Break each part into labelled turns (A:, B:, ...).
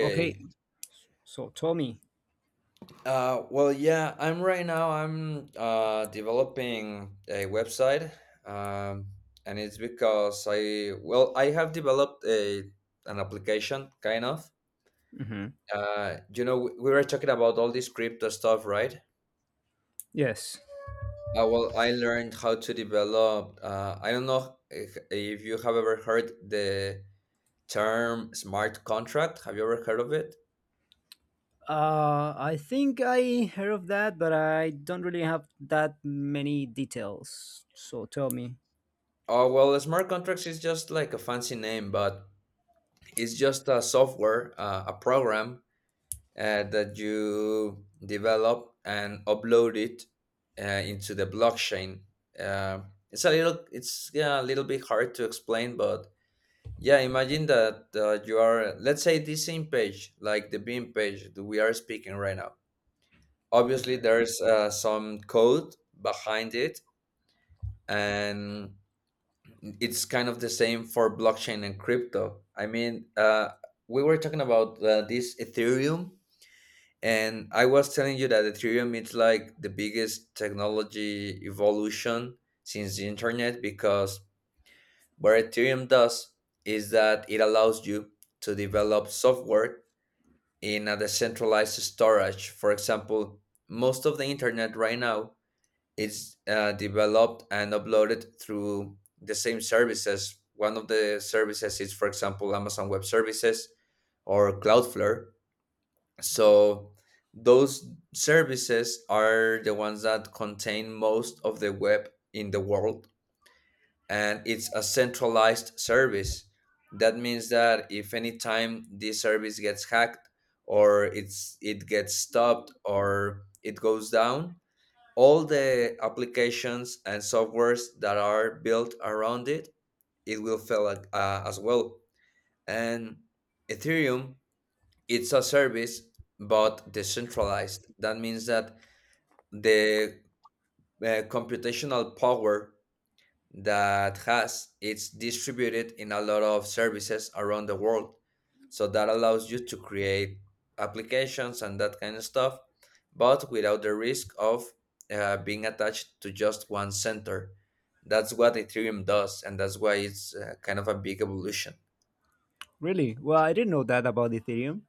A: Okay, so Tommy.
B: I'm right now. I'm developing a website, um, and it's because I have developed a an application, kind of.
A: hmm
B: We were talking about all this crypto stuff, right?
A: Yes.
B: I learned how to develop. I don't know if you have ever heard the term smart contract. Have you ever heard of it?
A: I think I heard of that, but I don't really have that many details. So tell me.
B: Oh, well, smart contracts is just like a fancy name, but it's just a software, a program that you develop and upload it into the blockchain. Uh, it's a little bit hard to explain, but yeah, imagine that you are, let's say, this same page, like the Beam page that we are speaking right now. Obviously,
A: Mhm.
B: there's some code behind it, and it's kind of the same for blockchain and crypto. We were talking about this Ethereum, and I was telling you that Ethereum is like the biggest technology evolution since the internet, because what Ethereum does is that it allows you to develop software in a decentralized storage. For example, most of the internet right now, it's developed and uploaded through the same services. One of the services is, for example, Amazon Web Services or Cloudflare. So those services are the ones that contain most of the web in the world, and it's a centralized service. That means that if anytime this service gets hacked or it gets stopped or it goes down, all the applications and softwares that are built around it, it will fail as well. And Ethereum, it's a service but decentralized. That means that the computational power that has, it's distributed in a lot of services around the world. So that allows you to create applications and that kind of stuff, but without the risk of being attached to just one center. That's what Ethereum does, and that's why it's kind of a big evolution.
A: Really? Well, I didn't know that about Ethereum,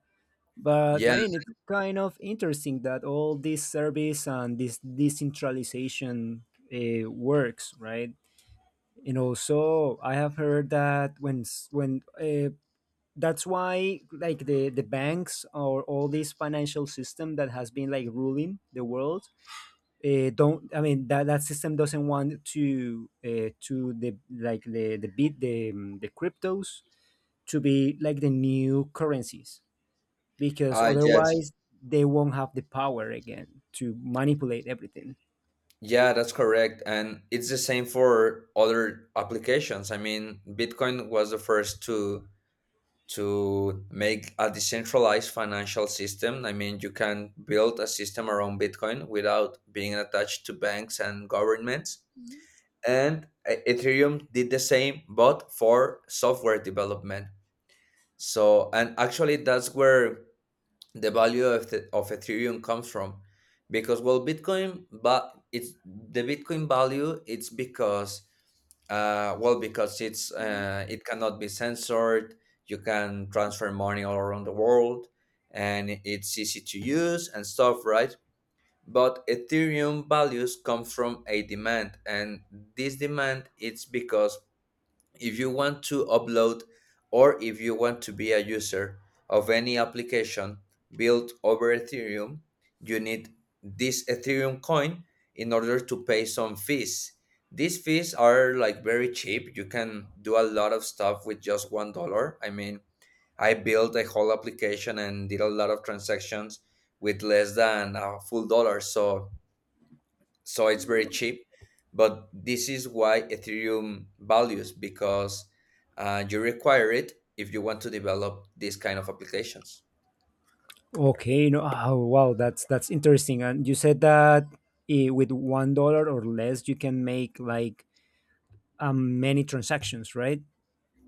A: but I
B: Yeah.
A: mean, it's kind of interesting that all this service and this decentralization works, right? And also, I have heard that when s- when that's why like the banks or all this financial system that has been like ruling the world don't, I mean that that system doesn't want to the like the bit the cryptos to be like the new currencies because
B: Yes.
A: otherwise they won't have the power again to manipulate everything.
B: Yeah, that's correct, and it's the same for other applications. I mean, Bitcoin was the first to make a decentralized financial system. I mean, you can build a system around Bitcoin without being attached to banks and governments. And Ethereum did the same, but for software development. So, and actually, that's where the value of, the, of Ethereum comes from, because well, Bitcoin, but it's the Bitcoin value, it's because it cannot be censored. You can transfer money all around the world, and it's easy to use and stuff, right? But Ethereum values come from a demand, and this demand, it's because if you want to upload or if you want to be a user of any application built over Ethereum, you need this Ethereum coin in order to pay some fees. These fees are like very cheap. You can do a lot of stuff with just $1. I mean, I built a whole application and did a lot of transactions with less than a full dollar. So so it's very cheap, but this is why Ethereum values, because you require it if you want to develop these kind of applications.
A: Okay. no Oh, wow, that's interesting. And you said that with $1 or less you can make like many transactions, right?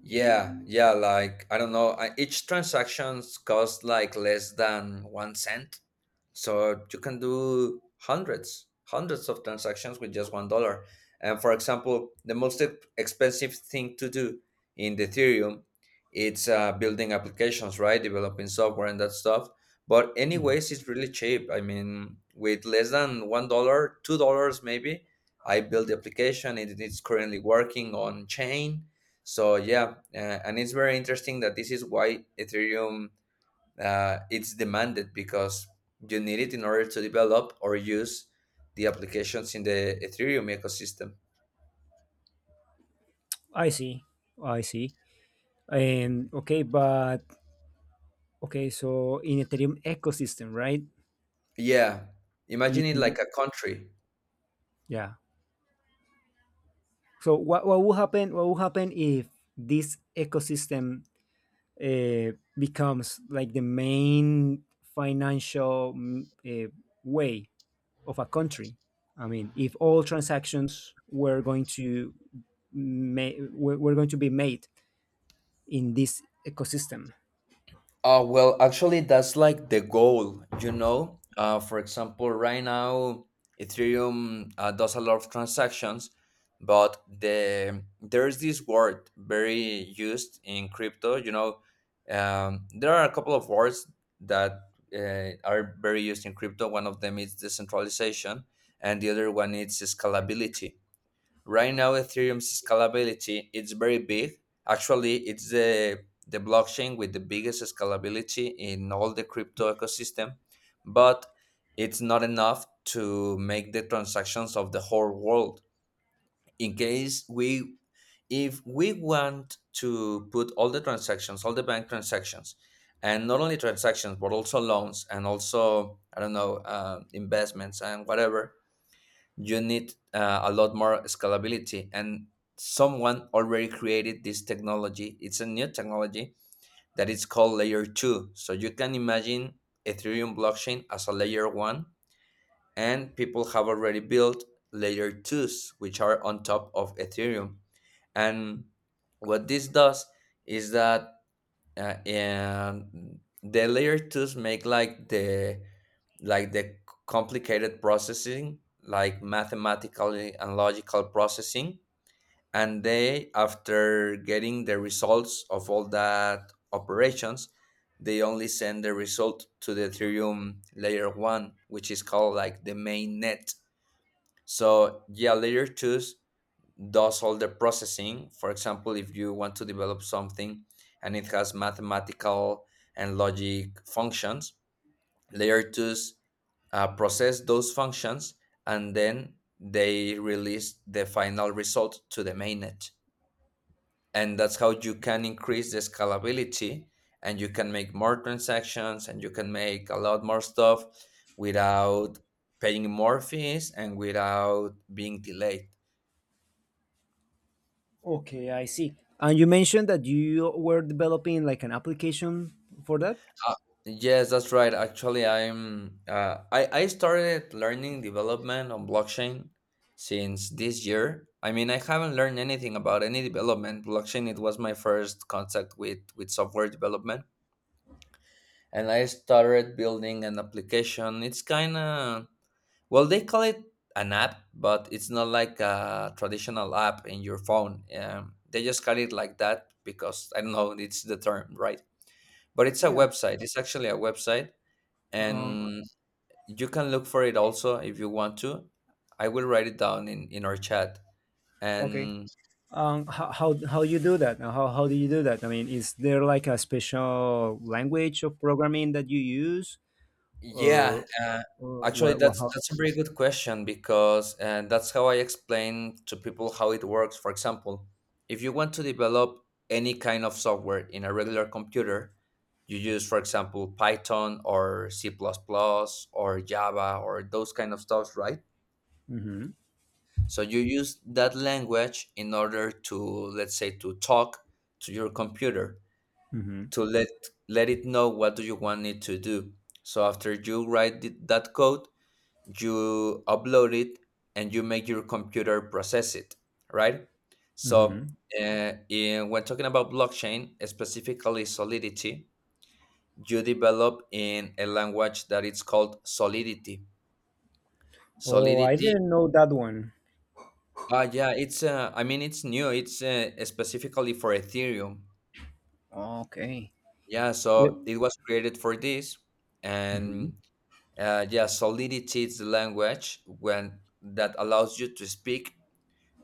B: Yeah, yeah, like I don't know, each transactions cost like less than 1 cent. So you can do hundreds of transactions with just $1. And for example, the most expensive thing to do in the Ethereum, it's building applications, right? Developing software and that stuff. But anyways, it's really cheap. I mean, with less than $1, $2 maybe, I built the application and it's currently working on chain. So yeah, and it's very interesting that this is why Ethereum, it's demanded, because you need it in order to develop or use the applications in the Ethereum ecosystem.
A: I see. I see. And okay, but okay, so in Ethereum ecosystem, right?
B: Yeah, imagine
A: It
B: it like a country.
A: Yeah. So what will happen? What will happen if this ecosystem becomes like the main financial way of a country? I mean, if all transactions were going to were going to be made in this ecosystem.
B: Actually, that's like the goal, you know. For example, right now, Ethereum does a lot of transactions, but there's this word very used in crypto. You know, there are a couple of words that are very used in crypto. One of them is decentralization, and the other one is scalability. Right now, Ethereum's scalability, it's very big. Actually, it's the blockchain with the biggest scalability in all the crypto ecosystem, but it's not enough to make the transactions of the whole world. In case we if we want to put all the transactions, all the bank transactions, and not only transactions but also loans, and also I don't know, investments and whatever. You need a lot more scalability, and someone already created this technology. It's a new technology that is called layer 2. So you can imagine Ethereum blockchain as a layer 1, and people have already built layer 2s which are on top of Ethereum. And what this does is that and the layer twos make like the complicated processing, like mathematical and logical processing, and they, after getting the results of all that operations, they only send the result to the Ethereum layer one, which is called like the main net. So yeah, layer twos does all the processing. For example, if you want to develop something and it has mathematical and logic functions, layer twos process those functions, and then they release the final result to the mainnet. And that's how you can increase the scalability, and you can make more transactions, and you can make a lot more stuff without paying more fees and without being delayed.
A: Okay, I see. And you mentioned that you were developing like an application for that.
B: Uh, yes, that's right. Actually, I started learning development on blockchain since this year. I mean, I haven't learned anything about any development. Blockchain, it was my first contact with software development, and I started building an application. It's kind of well, they call it an app, but it's not like a traditional app in your phone. They just call it like that because I don't know, it's the term, right? But it's a
A: Yeah.
B: website. It's actually a website,
A: Um,
B: and you can look for it also if you want to. I will write it down in our chat,
A: okay.
B: and
A: How, how you do that? How do you do that? I mean, is there like a special language of programming that you use,
B: yeah.
A: or or
B: Actually,
A: what? What
B: that's
A: how?
B: that's a very good question, because that's how I explain to people how it works. For example, if you want to develop any kind of software in a regular computer, you use, for example, Python or c++ plus plus or Java or those kind of stuff, right?
A: Mm-hmm,
B: So you use that language in order to, let's say, to talk to your computer,
A: mm-hmm,
B: to let it know what do you want it to do. So after you write that code, you upload it and you make your computer process it, right? So
A: mm-hmm.
B: when talking about blockchain, specifically Solidity, you develop in a language that it's called Solidity.
A: Oh, I
B: Solidity,
A: didn't know that one.
B: Yeah, it's I mean it's new. It's specifically for Ethereum.
A: Okay.
B: Yeah,
A: Yep.
B: so it was created for this,
A: Mm-hmm.
B: and yeah, Solidity is the language when that allows you to speak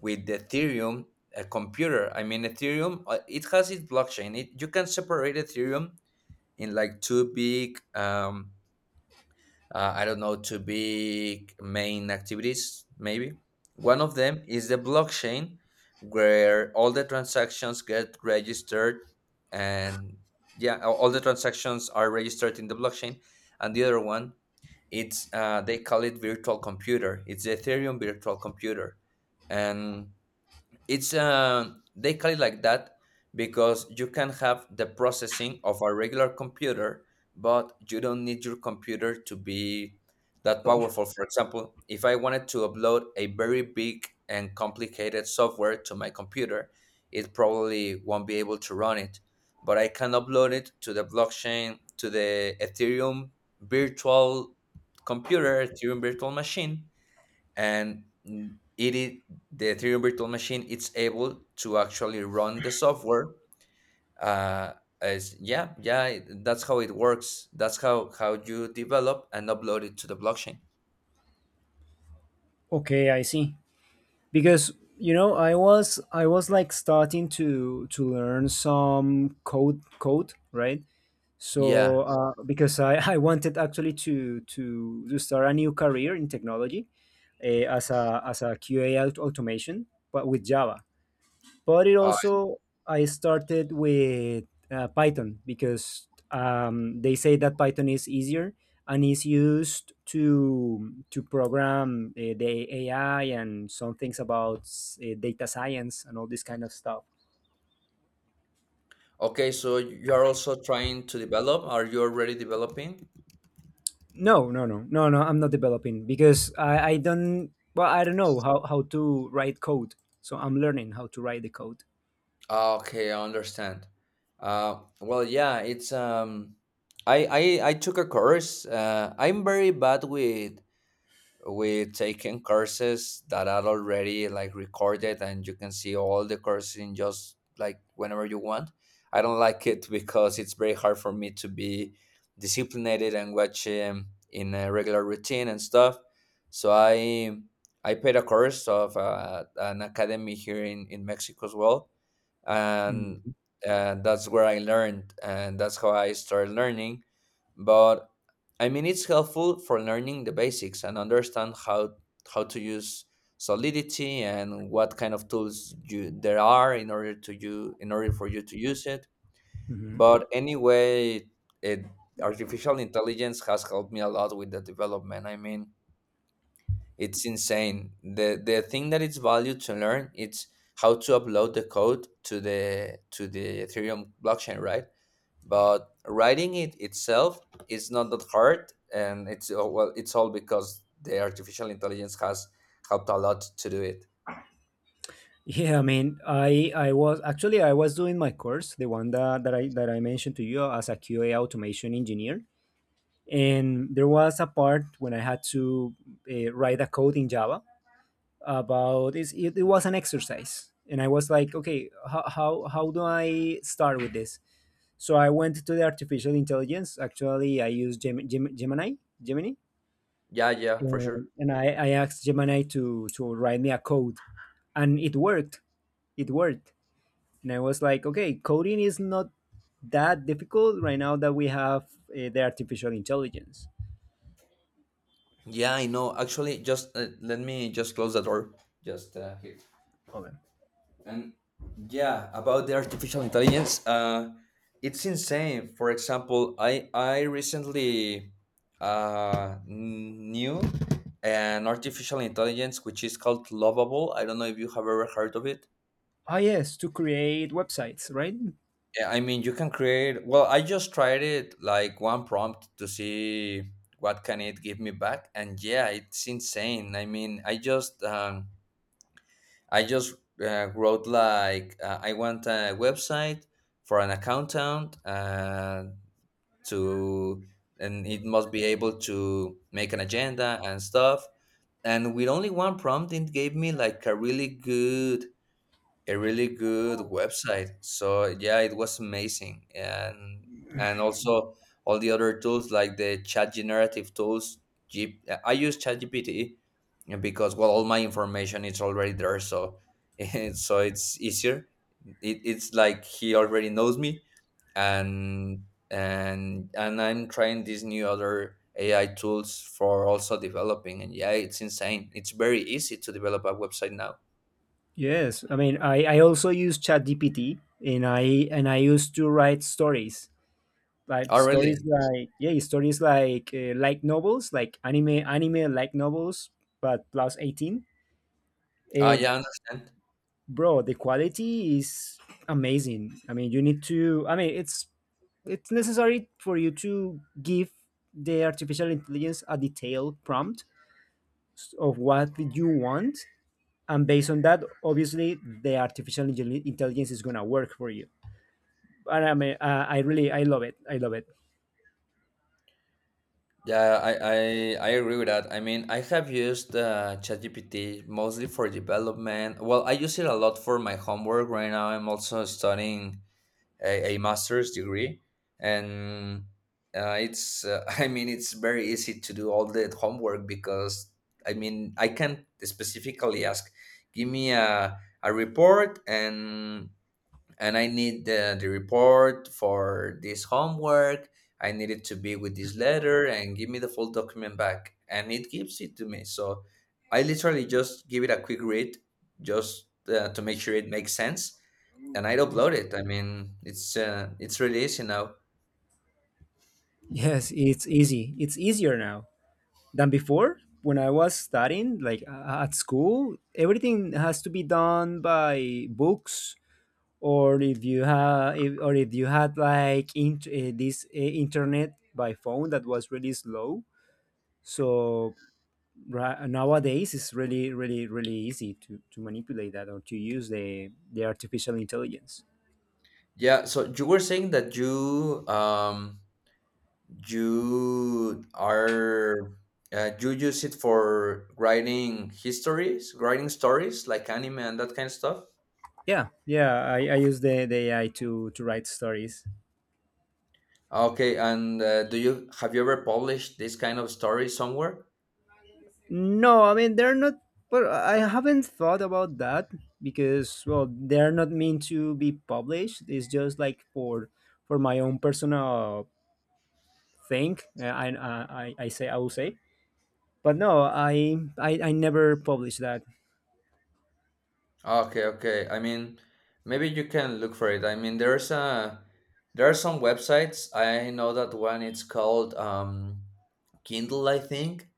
B: with the Ethereum, a computer. I mean Ethereum, it has its blockchain. You can separate Ethereum in like two big I don't know, two big main activities, maybe. One of them is the blockchain, where all the transactions get registered, and yeah, all the transactions are registered in the blockchain. And the other one, it's they call it virtual computer. It's the Ethereum virtual computer. And it's they call it like that because you can have the processing of a regular computer, but you don't need your computer to be that powerful. For example, if I wanted to upload a very big and complicated software to my computer, it probably won't be able to run it. But I can upload it to the blockchain, to the Ethereum virtual computer, Ethereum virtual machine, and mm, it is the Ethereum virtual machine, it's able to actually run the software. Uh as Yeah, yeah, that's how it works. That's how you develop and upload it to the blockchain.
A: Okay, I see, because you know I was like starting to learn some code, right?
B: Yeah.
A: So because I I wanted actually to start a new career in technology, as a QA automation, but with Java. But it
B: uh,
A: also, I started with Python, because they say that Python is easier and is used to program the AI and some things about data science and all this kind of stuff.
B: okay, so you are also trying to develop? Are you already developing?
A: No, I'm not developing because I don't, well, I don't know how to write code, so I'm learning how to write the code.
B: Ah, okay, I understand. Yeah, it's um, I, I took a course. I'm very bad with we taken courses that are already like recorded and you can see all the courses in just like whenever you want. I don't like it because it's very hard for me to be disciplined and watch in a regular routine and stuff. So I paid a course of an academy here in Mexico as well, and
A: Mhm.
B: and that's where I learned, and that's how I started learning. But I mean, it's helpful for learning the basics and understand how to use Solidity and what kind of tools you there are in order to you in order for you to use it.
A: Mhm.
B: But anyway, it, artificial intelligence has helped me a lot with the development. I mean, it's insane. The thing that it's value to learn it's how to upload the code to the Ethereum blockchain, right? But writing it itself is not that hard, and it's well, it's all because the artificial intelligence has helped a lot to do it.
A: Yeah, I mean, I was actually I was doing my course, the one that I mentioned to you as a QA automation engineer, and there was a part when I had to write a code in Java about it's, it. It was an exercise, and I was like, okay, how do I start with this? So I went to the artificial intelligence. Actually, I used Gemini, Gemini.
B: Yeah, yeah, for
A: And
B: sure.
A: I asked Gemini to write me a code, and it worked. It worked, and I was like, okay, coding is not that difficult right now that we have the artificial intelligence.
B: Yeah, I know. Actually, just let me just close the door. Just here.
A: Okay.
B: And yeah, about the artificial intelligence, it's insane. For example, I recently knew an artificial intelligence which is called Lovable. I don't know if you have ever heard of it.
A: Ah, yes, to create websites, right?
B: Yeah, I mean, you can create. Well, I just tried it like one prompt to see what can it give me back, and yeah, it's insane. I mean, I just wrote like I want a website for an accountant to, and it must be able to make an agenda and stuff. And with only one prompt, it gave me like a really good website. So yeah, it was amazing, and also all the other tools like the chat generative tools. I use ChatGPT because well, all my information is already there, so so it's easier. It's like he already knows me, and and I'm trying these new other AI tools for also developing. And yeah, it's insane. It's very easy to develop a website now.
A: Yes, I mean, I also use ChatGPT, and I used to write
B: Oh
A: stories
B: really?
A: like yeah, stories like novels, like anime like novels, but plus 18.
B: Ah
A: And
B: yeah, I understand.
A: bro, the quality is amazing. I mean, you need to. I mean, it's necessary for you to give the artificial intelligence a detailed prompt of what you want, and based on that, obviously the artificial intelligence is going to work for you. And I mean, I really, I love it, I love it.
B: Yeah, I I agree with that. I mean, I have used ChatGPT mostly for development. Well, I use it a lot for my homework. Right now, I'm also studying a master's degree, and it's I mean, it's very easy to do all the homework because I mean, I can specifically ask, give me a report and I need the report for this homework. I need it to be with this letter and give me the full document back. And it gives it to me. So I literally just give it a quick read just to make sure it makes sense. And I'd upload it. I mean, it's really easy now.
A: Yes, it's easy, it's easier now than before. When I was studying like at school, everything has to be done by books, or if you have if, or if you had like this internet by phone that was really slow. So nowadays it's really really really easy to manipulate that or to use the artificial intelligence.
B: Yeah. So you were saying that you you are you use it for writing histories, writing stories like anime and that kind of stuff.
A: Yeah, yeah, I use the AI to write stories.
B: Okay, and do you have you ever published this kind of story somewhere?
A: No, I mean, they're not, but I haven't thought about that, because well, they're not meant to be published. It's just like for my own personal thing. I will say, but no, I never published that.
B: Okay, okay. I mean, maybe you can look for it. I mean, there are some websites. I know that one. It's called Kindle, I think,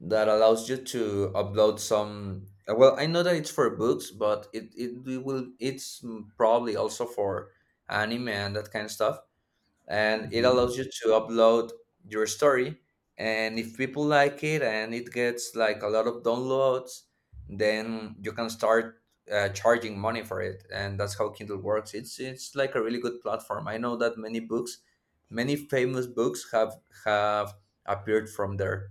B: that allows you to upload some. Well, I know that it's for books, but will it's probably also for anime and that kind of stuff. And it
A: Mhm.
B: allows you to upload your story, and if people like it and it gets like a lot of downloads, then you can start charging money for it. And that's how Kindle works. It's like a really good platform. I know that many books, many famous books have have appeared from there.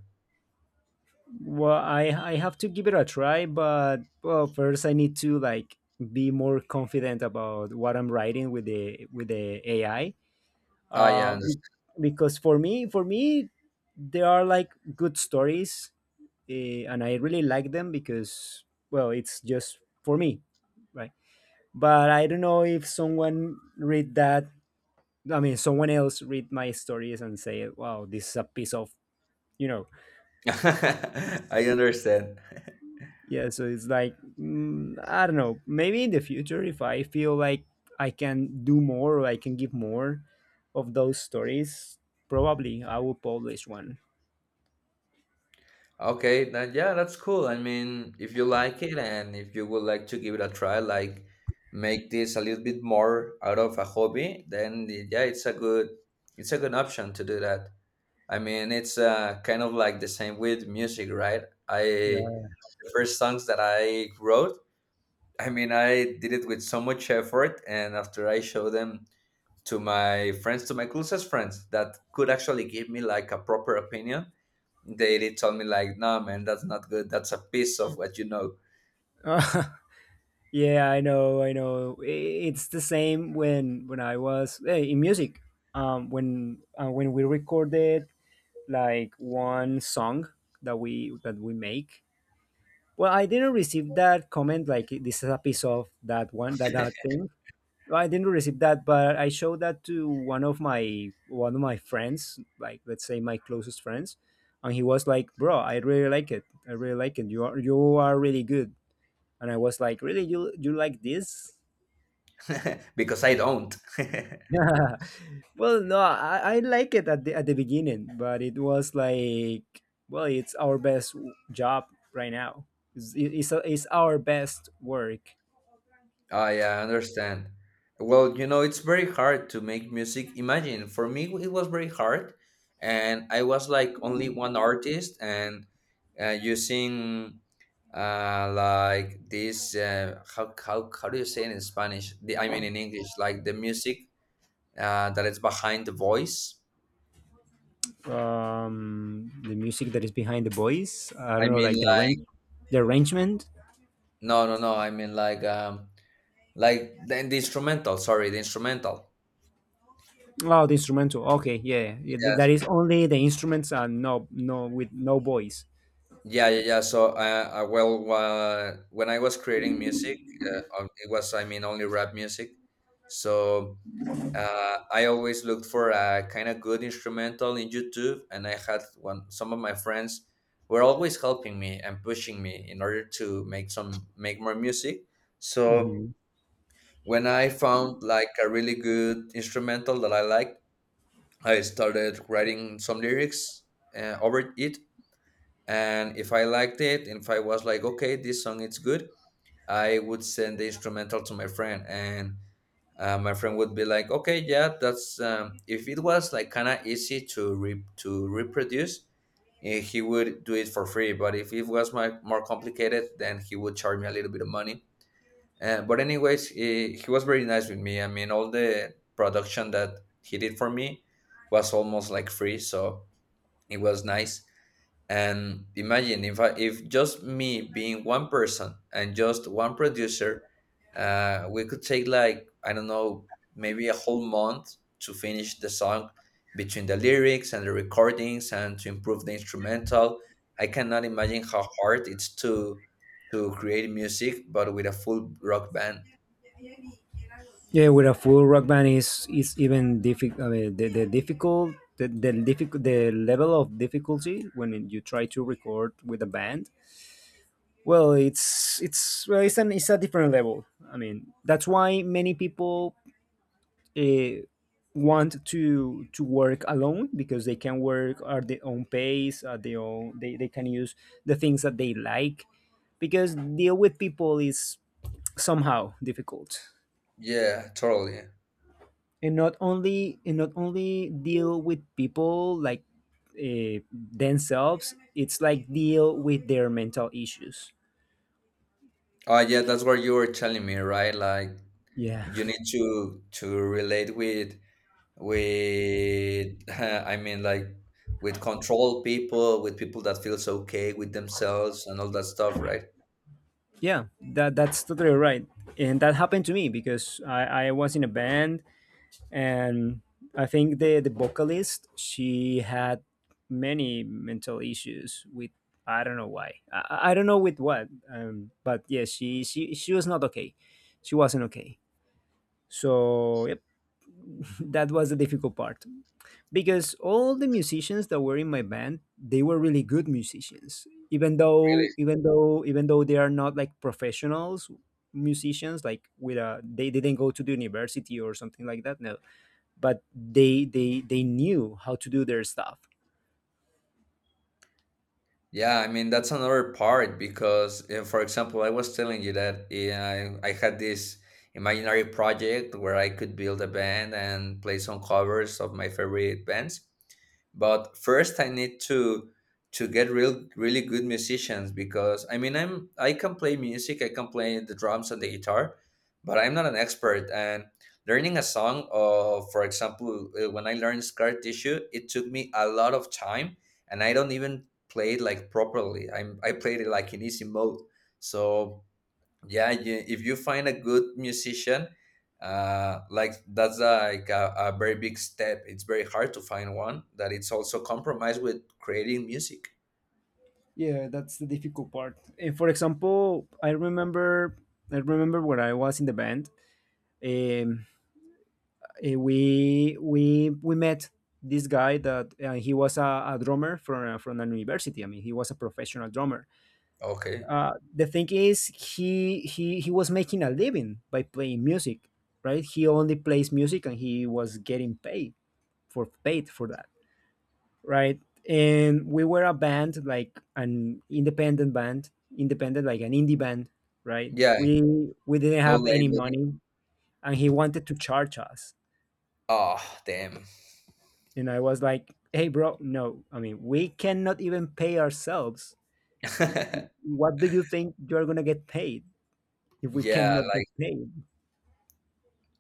A: Well, I have to give it a try, but well, first I need to like be more confident about what I'm writing with the AI.
B: Ah,
A: Uh,
B: yeah,
A: be- because for me, there are like good stories, and I really like them, because well, it's just for me, right? But I don't know if someone read that, I mean, someone else read my stories and say, "Wow, this is a piece of," you know.
B: I understand. I understand.
A: Yeah, so it's like I don't know. Maybe in the future, if I feel like I can do more or I can give more of those stories, probably I will publish one.
B: Okay, then yeah, that's cool. I mean, if you like it and if you would like to give it a try, like make this a little bit more out of a hobby, then yeah, it's a good option to do that. I mean, it's kind of like the same with music, right? I
A: Yeah.
B: The first songs that I wrote, I mean, I did it with so much effort, and after I showed them to my friends, to my closest friends, that could actually give me like a proper opinion, they told me like, no man, that's not good. That's a piece of what you know
A: Yeah, I know, I know. It's the same when I was in music. When we recorded like one song that we make. Well, I didn't receive that comment. Like, this is a piece of that one, that that thing. Well, I didn't receive that, but I showed that to one of my friends, like let's say my closest friends, and he was like, "Bro, I really like it. I really like it. You are really good." And I was like, "Really, you like this?"
B: because I don't.
A: Well, no, I like it at the beginning, but it was like, well, it's our best job right now. It's our best work.
B: Oh, yeah, I understand. Well, you know, it's very hard to make music. Imagine for me, it was very hard, and I was like only one artist, and using like this. How how do you say it in Spanish? I mean in English, like the music that is behind the voice.
A: The music that is behind the boys, I don't
B: I
A: know,
B: mean,
A: like the arrange
B: like
A: the arrangement.
B: no. I mean like the instrumental, sorry, the instrumental.
A: Oh, the instrumental. Okay, yeah, yeah, that
B: Yes.
A: is only the instruments and no no with no voice.
B: Yeah, yeah. So well, when I was creating music, it was, I mean, only rap music. So I always looked for a kind of good instrumental in YouTube, and I had one, some of my friends were always helping me and pushing me in order to make more music. So
A: Hmm.
B: when I found like a really good instrumental that I liked, I started writing some lyrics over it, and if I liked it, and if I was like, okay, this song is good, I would send the instrumental to my friend, and my friend would be like, okay, yeah, that's. If it was like kind of easy to to reproduce, eh, he would do it for free. But if it was more complicated, then he would charge me a little bit of money. But anyways, he was very nice with me. I mean, all the production that he did for me was almost like free, so it was nice. And imagine if I, if just me being one person and just one producer, we could take like I don't know, maybe a whole month to finish the song, between the lyrics and the recordings and to improve the instrumental. I cannot imagine how hard it's to create music but with a full rock band.
A: Yeah, with a full rock band is even difficult. I mean the difficult the level of difficulty when you try to record with a band, well it's well it's an it's a different level. I mean, that's why many people uh, want to work alone, because they can work at their own pace, at their own, they can use the things that they like, because deal with people is somehow difficult.
B: Yeah, totally.
A: And not only deal with people like themselves, it's like deal with their mental issues.
B: Oh yeah, that's what you were telling me, right? Like
A: Yeah,
B: you need to relate with I mean like with control people, with people that feels okay with themselves and all that stuff, right?
A: yeah that that's totally right. And that happened to me, because I was in a band, and I think the vocalist, she had many mental issues with, I don't know why, I don't know with what, but yeah, she was not okay. She wasn't okay. So yep. That was the difficult part, because all the musicians that were in my band, they were really good musicians, even though they are not like professionals, musicians like with a, they didn't go to the university or something like that. No, but they knew how to do their stuff.
B: Yeah, I mean that's another part because, for example, I was telling you that uh, I had this imaginary project where I could build a band and play some covers of my favorite bands. But first, I need to get really good musicians because I mean I can play music, I can play the drums and the guitar, but I'm not an expert. And learning a song, for example, when I learned Scar Tissue, it took me a lot of time and I don't even played like properly. I played it like in easy mode. So yeah, you, if you find a good musician, like that's like a very big step. It's very hard to find one that it's also compromised with creating music.
A: Yeah, that's the difficult part. And for example, I remember when I was in the band. um, we met this guy that he was a drummer from an university, I mean, he was a professional drummer.
B: Okay.
A: The thing is, he was making a living by playing music, right? He only plays music, and he was getting paid for paid for that, right? And we were a band, like an independent band, independent, like an indie band, right?
B: Yeah.
A: We didn't
B: No
A: have any
B: labeling.
A: money, and he wanted to charge us,
B: Oh damn.
A: and I was like, "Hey, bro, no. I mean, we cannot even pay ourselves. What do you think you're gonna get paid if we
B: Yeah.
A: cannot get
B: Like
A: paid?"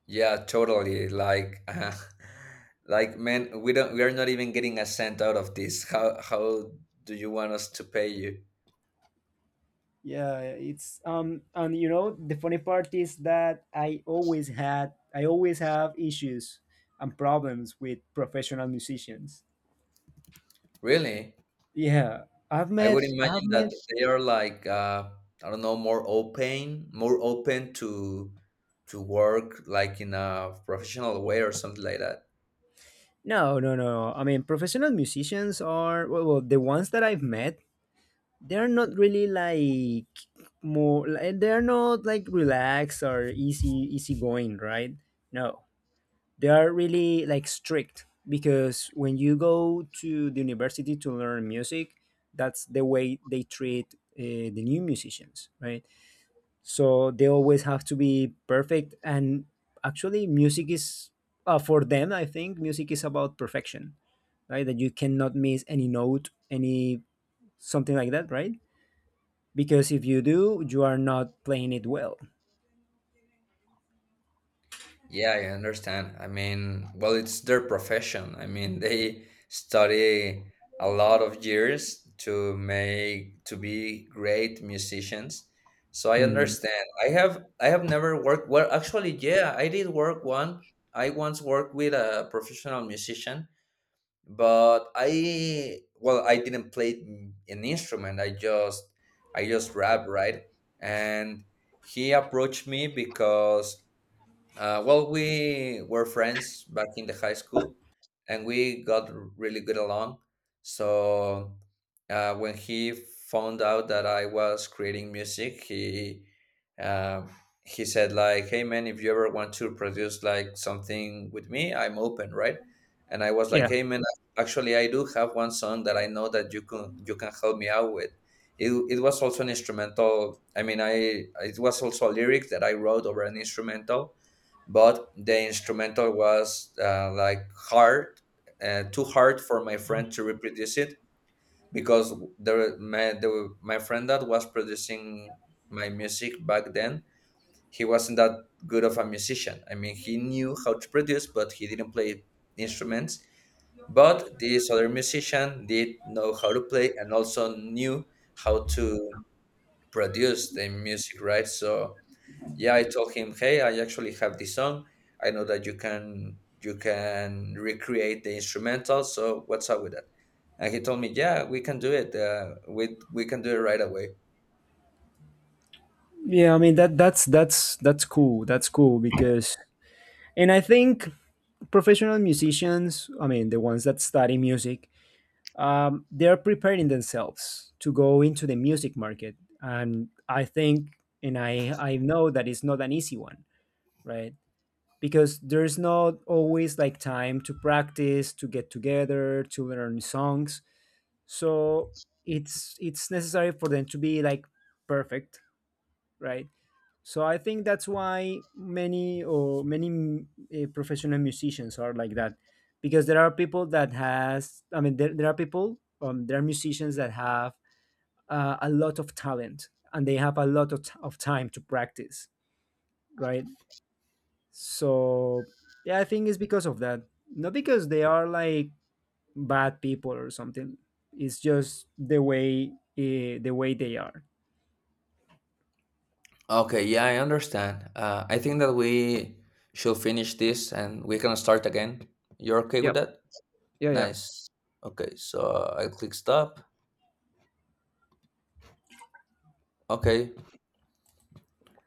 B: yeah. Totally. Like. Like man, we don't. We are not even getting a cent out of this. How do you want us to pay you?
A: Yeah, it's and you know the funny part is that I always have issues and problems with professional musicians.
B: Really?
A: Yeah,
B: I would
A: I've
B: imagine
A: met
B: that they are like I don't know, more open to work like in a professional way or something like that.
A: no no no. no. I mean, professional musicians are, well, well, the ones that I've met, they're not really like, more like, they're not like relaxed or easy going, right? No, they are really like strict, because when you go to the university to learn music, that's the way they treat the new musicians, right? So they always have to be perfect, and actually music is for them, I think music is about perfection, right? That you cannot miss any note any something like that, right? Because if you do, you are not playing it well.
B: Yeah, I understand. I mean, well, it's their profession. I mean, they study a lot of years to make to be great musicians. So I
A: Mhm.
B: understand. I have never worked, well actually yeah, I did work one. I once worked with a professional musician, but I well I didn't play an instrument, I just I just rap, right? And he approached me because well, we were friends back in the high school, and we got really good along. So when he found out that I was creating music, um, he said like, "Hey man, if you ever want to produce like something with me, I'm open, right?" And I was
A: yeah
B: like, "Hey man, actually, I do have one song that I know that you can help me out with." It was also an instrumental. I mean, I it was also a lyric that I wrote over an instrumental, but the instrumental was like hard, too hard for my friend to reproduce it because my friend that was producing my music back then, he wasn't that good of a musician. I mean, he knew how to produce, but he didn't play instruments. But this other musician did know how to play and also knew how to produce the music, right? So yeah, I told him, "Hey, I actually have this song. I know that you can recreate the instrumental. So what's up with that?" And he told me, "Yeah, we can do it. We can do it right away."
A: yeah I mean, that that's cool, that's cool. Because, and I think professional musicians, I mean, the ones that study music, they're preparing themselves to go into the music market. And I think, I know that it's not an easy one, right? Because there's not always like time to practice, to get together, to learn songs. So it's necessary for them to be like perfect, right? So I think that's why many professional musicians are like that, because there are people that has. I mean, there are people. There are musicians that have a lot of talent and they have a lot of, of time to practice, right? So yeah, I think it's because of that. Not because they are like bad people or something. It's just the way they are.
B: Okay, yeah, I understand. I think that we should finish this and we can start again. You're okay with
A: Yep.
B: that?
A: Yeah, yeah.
B: Nice. Okay, so I click stop. Okay,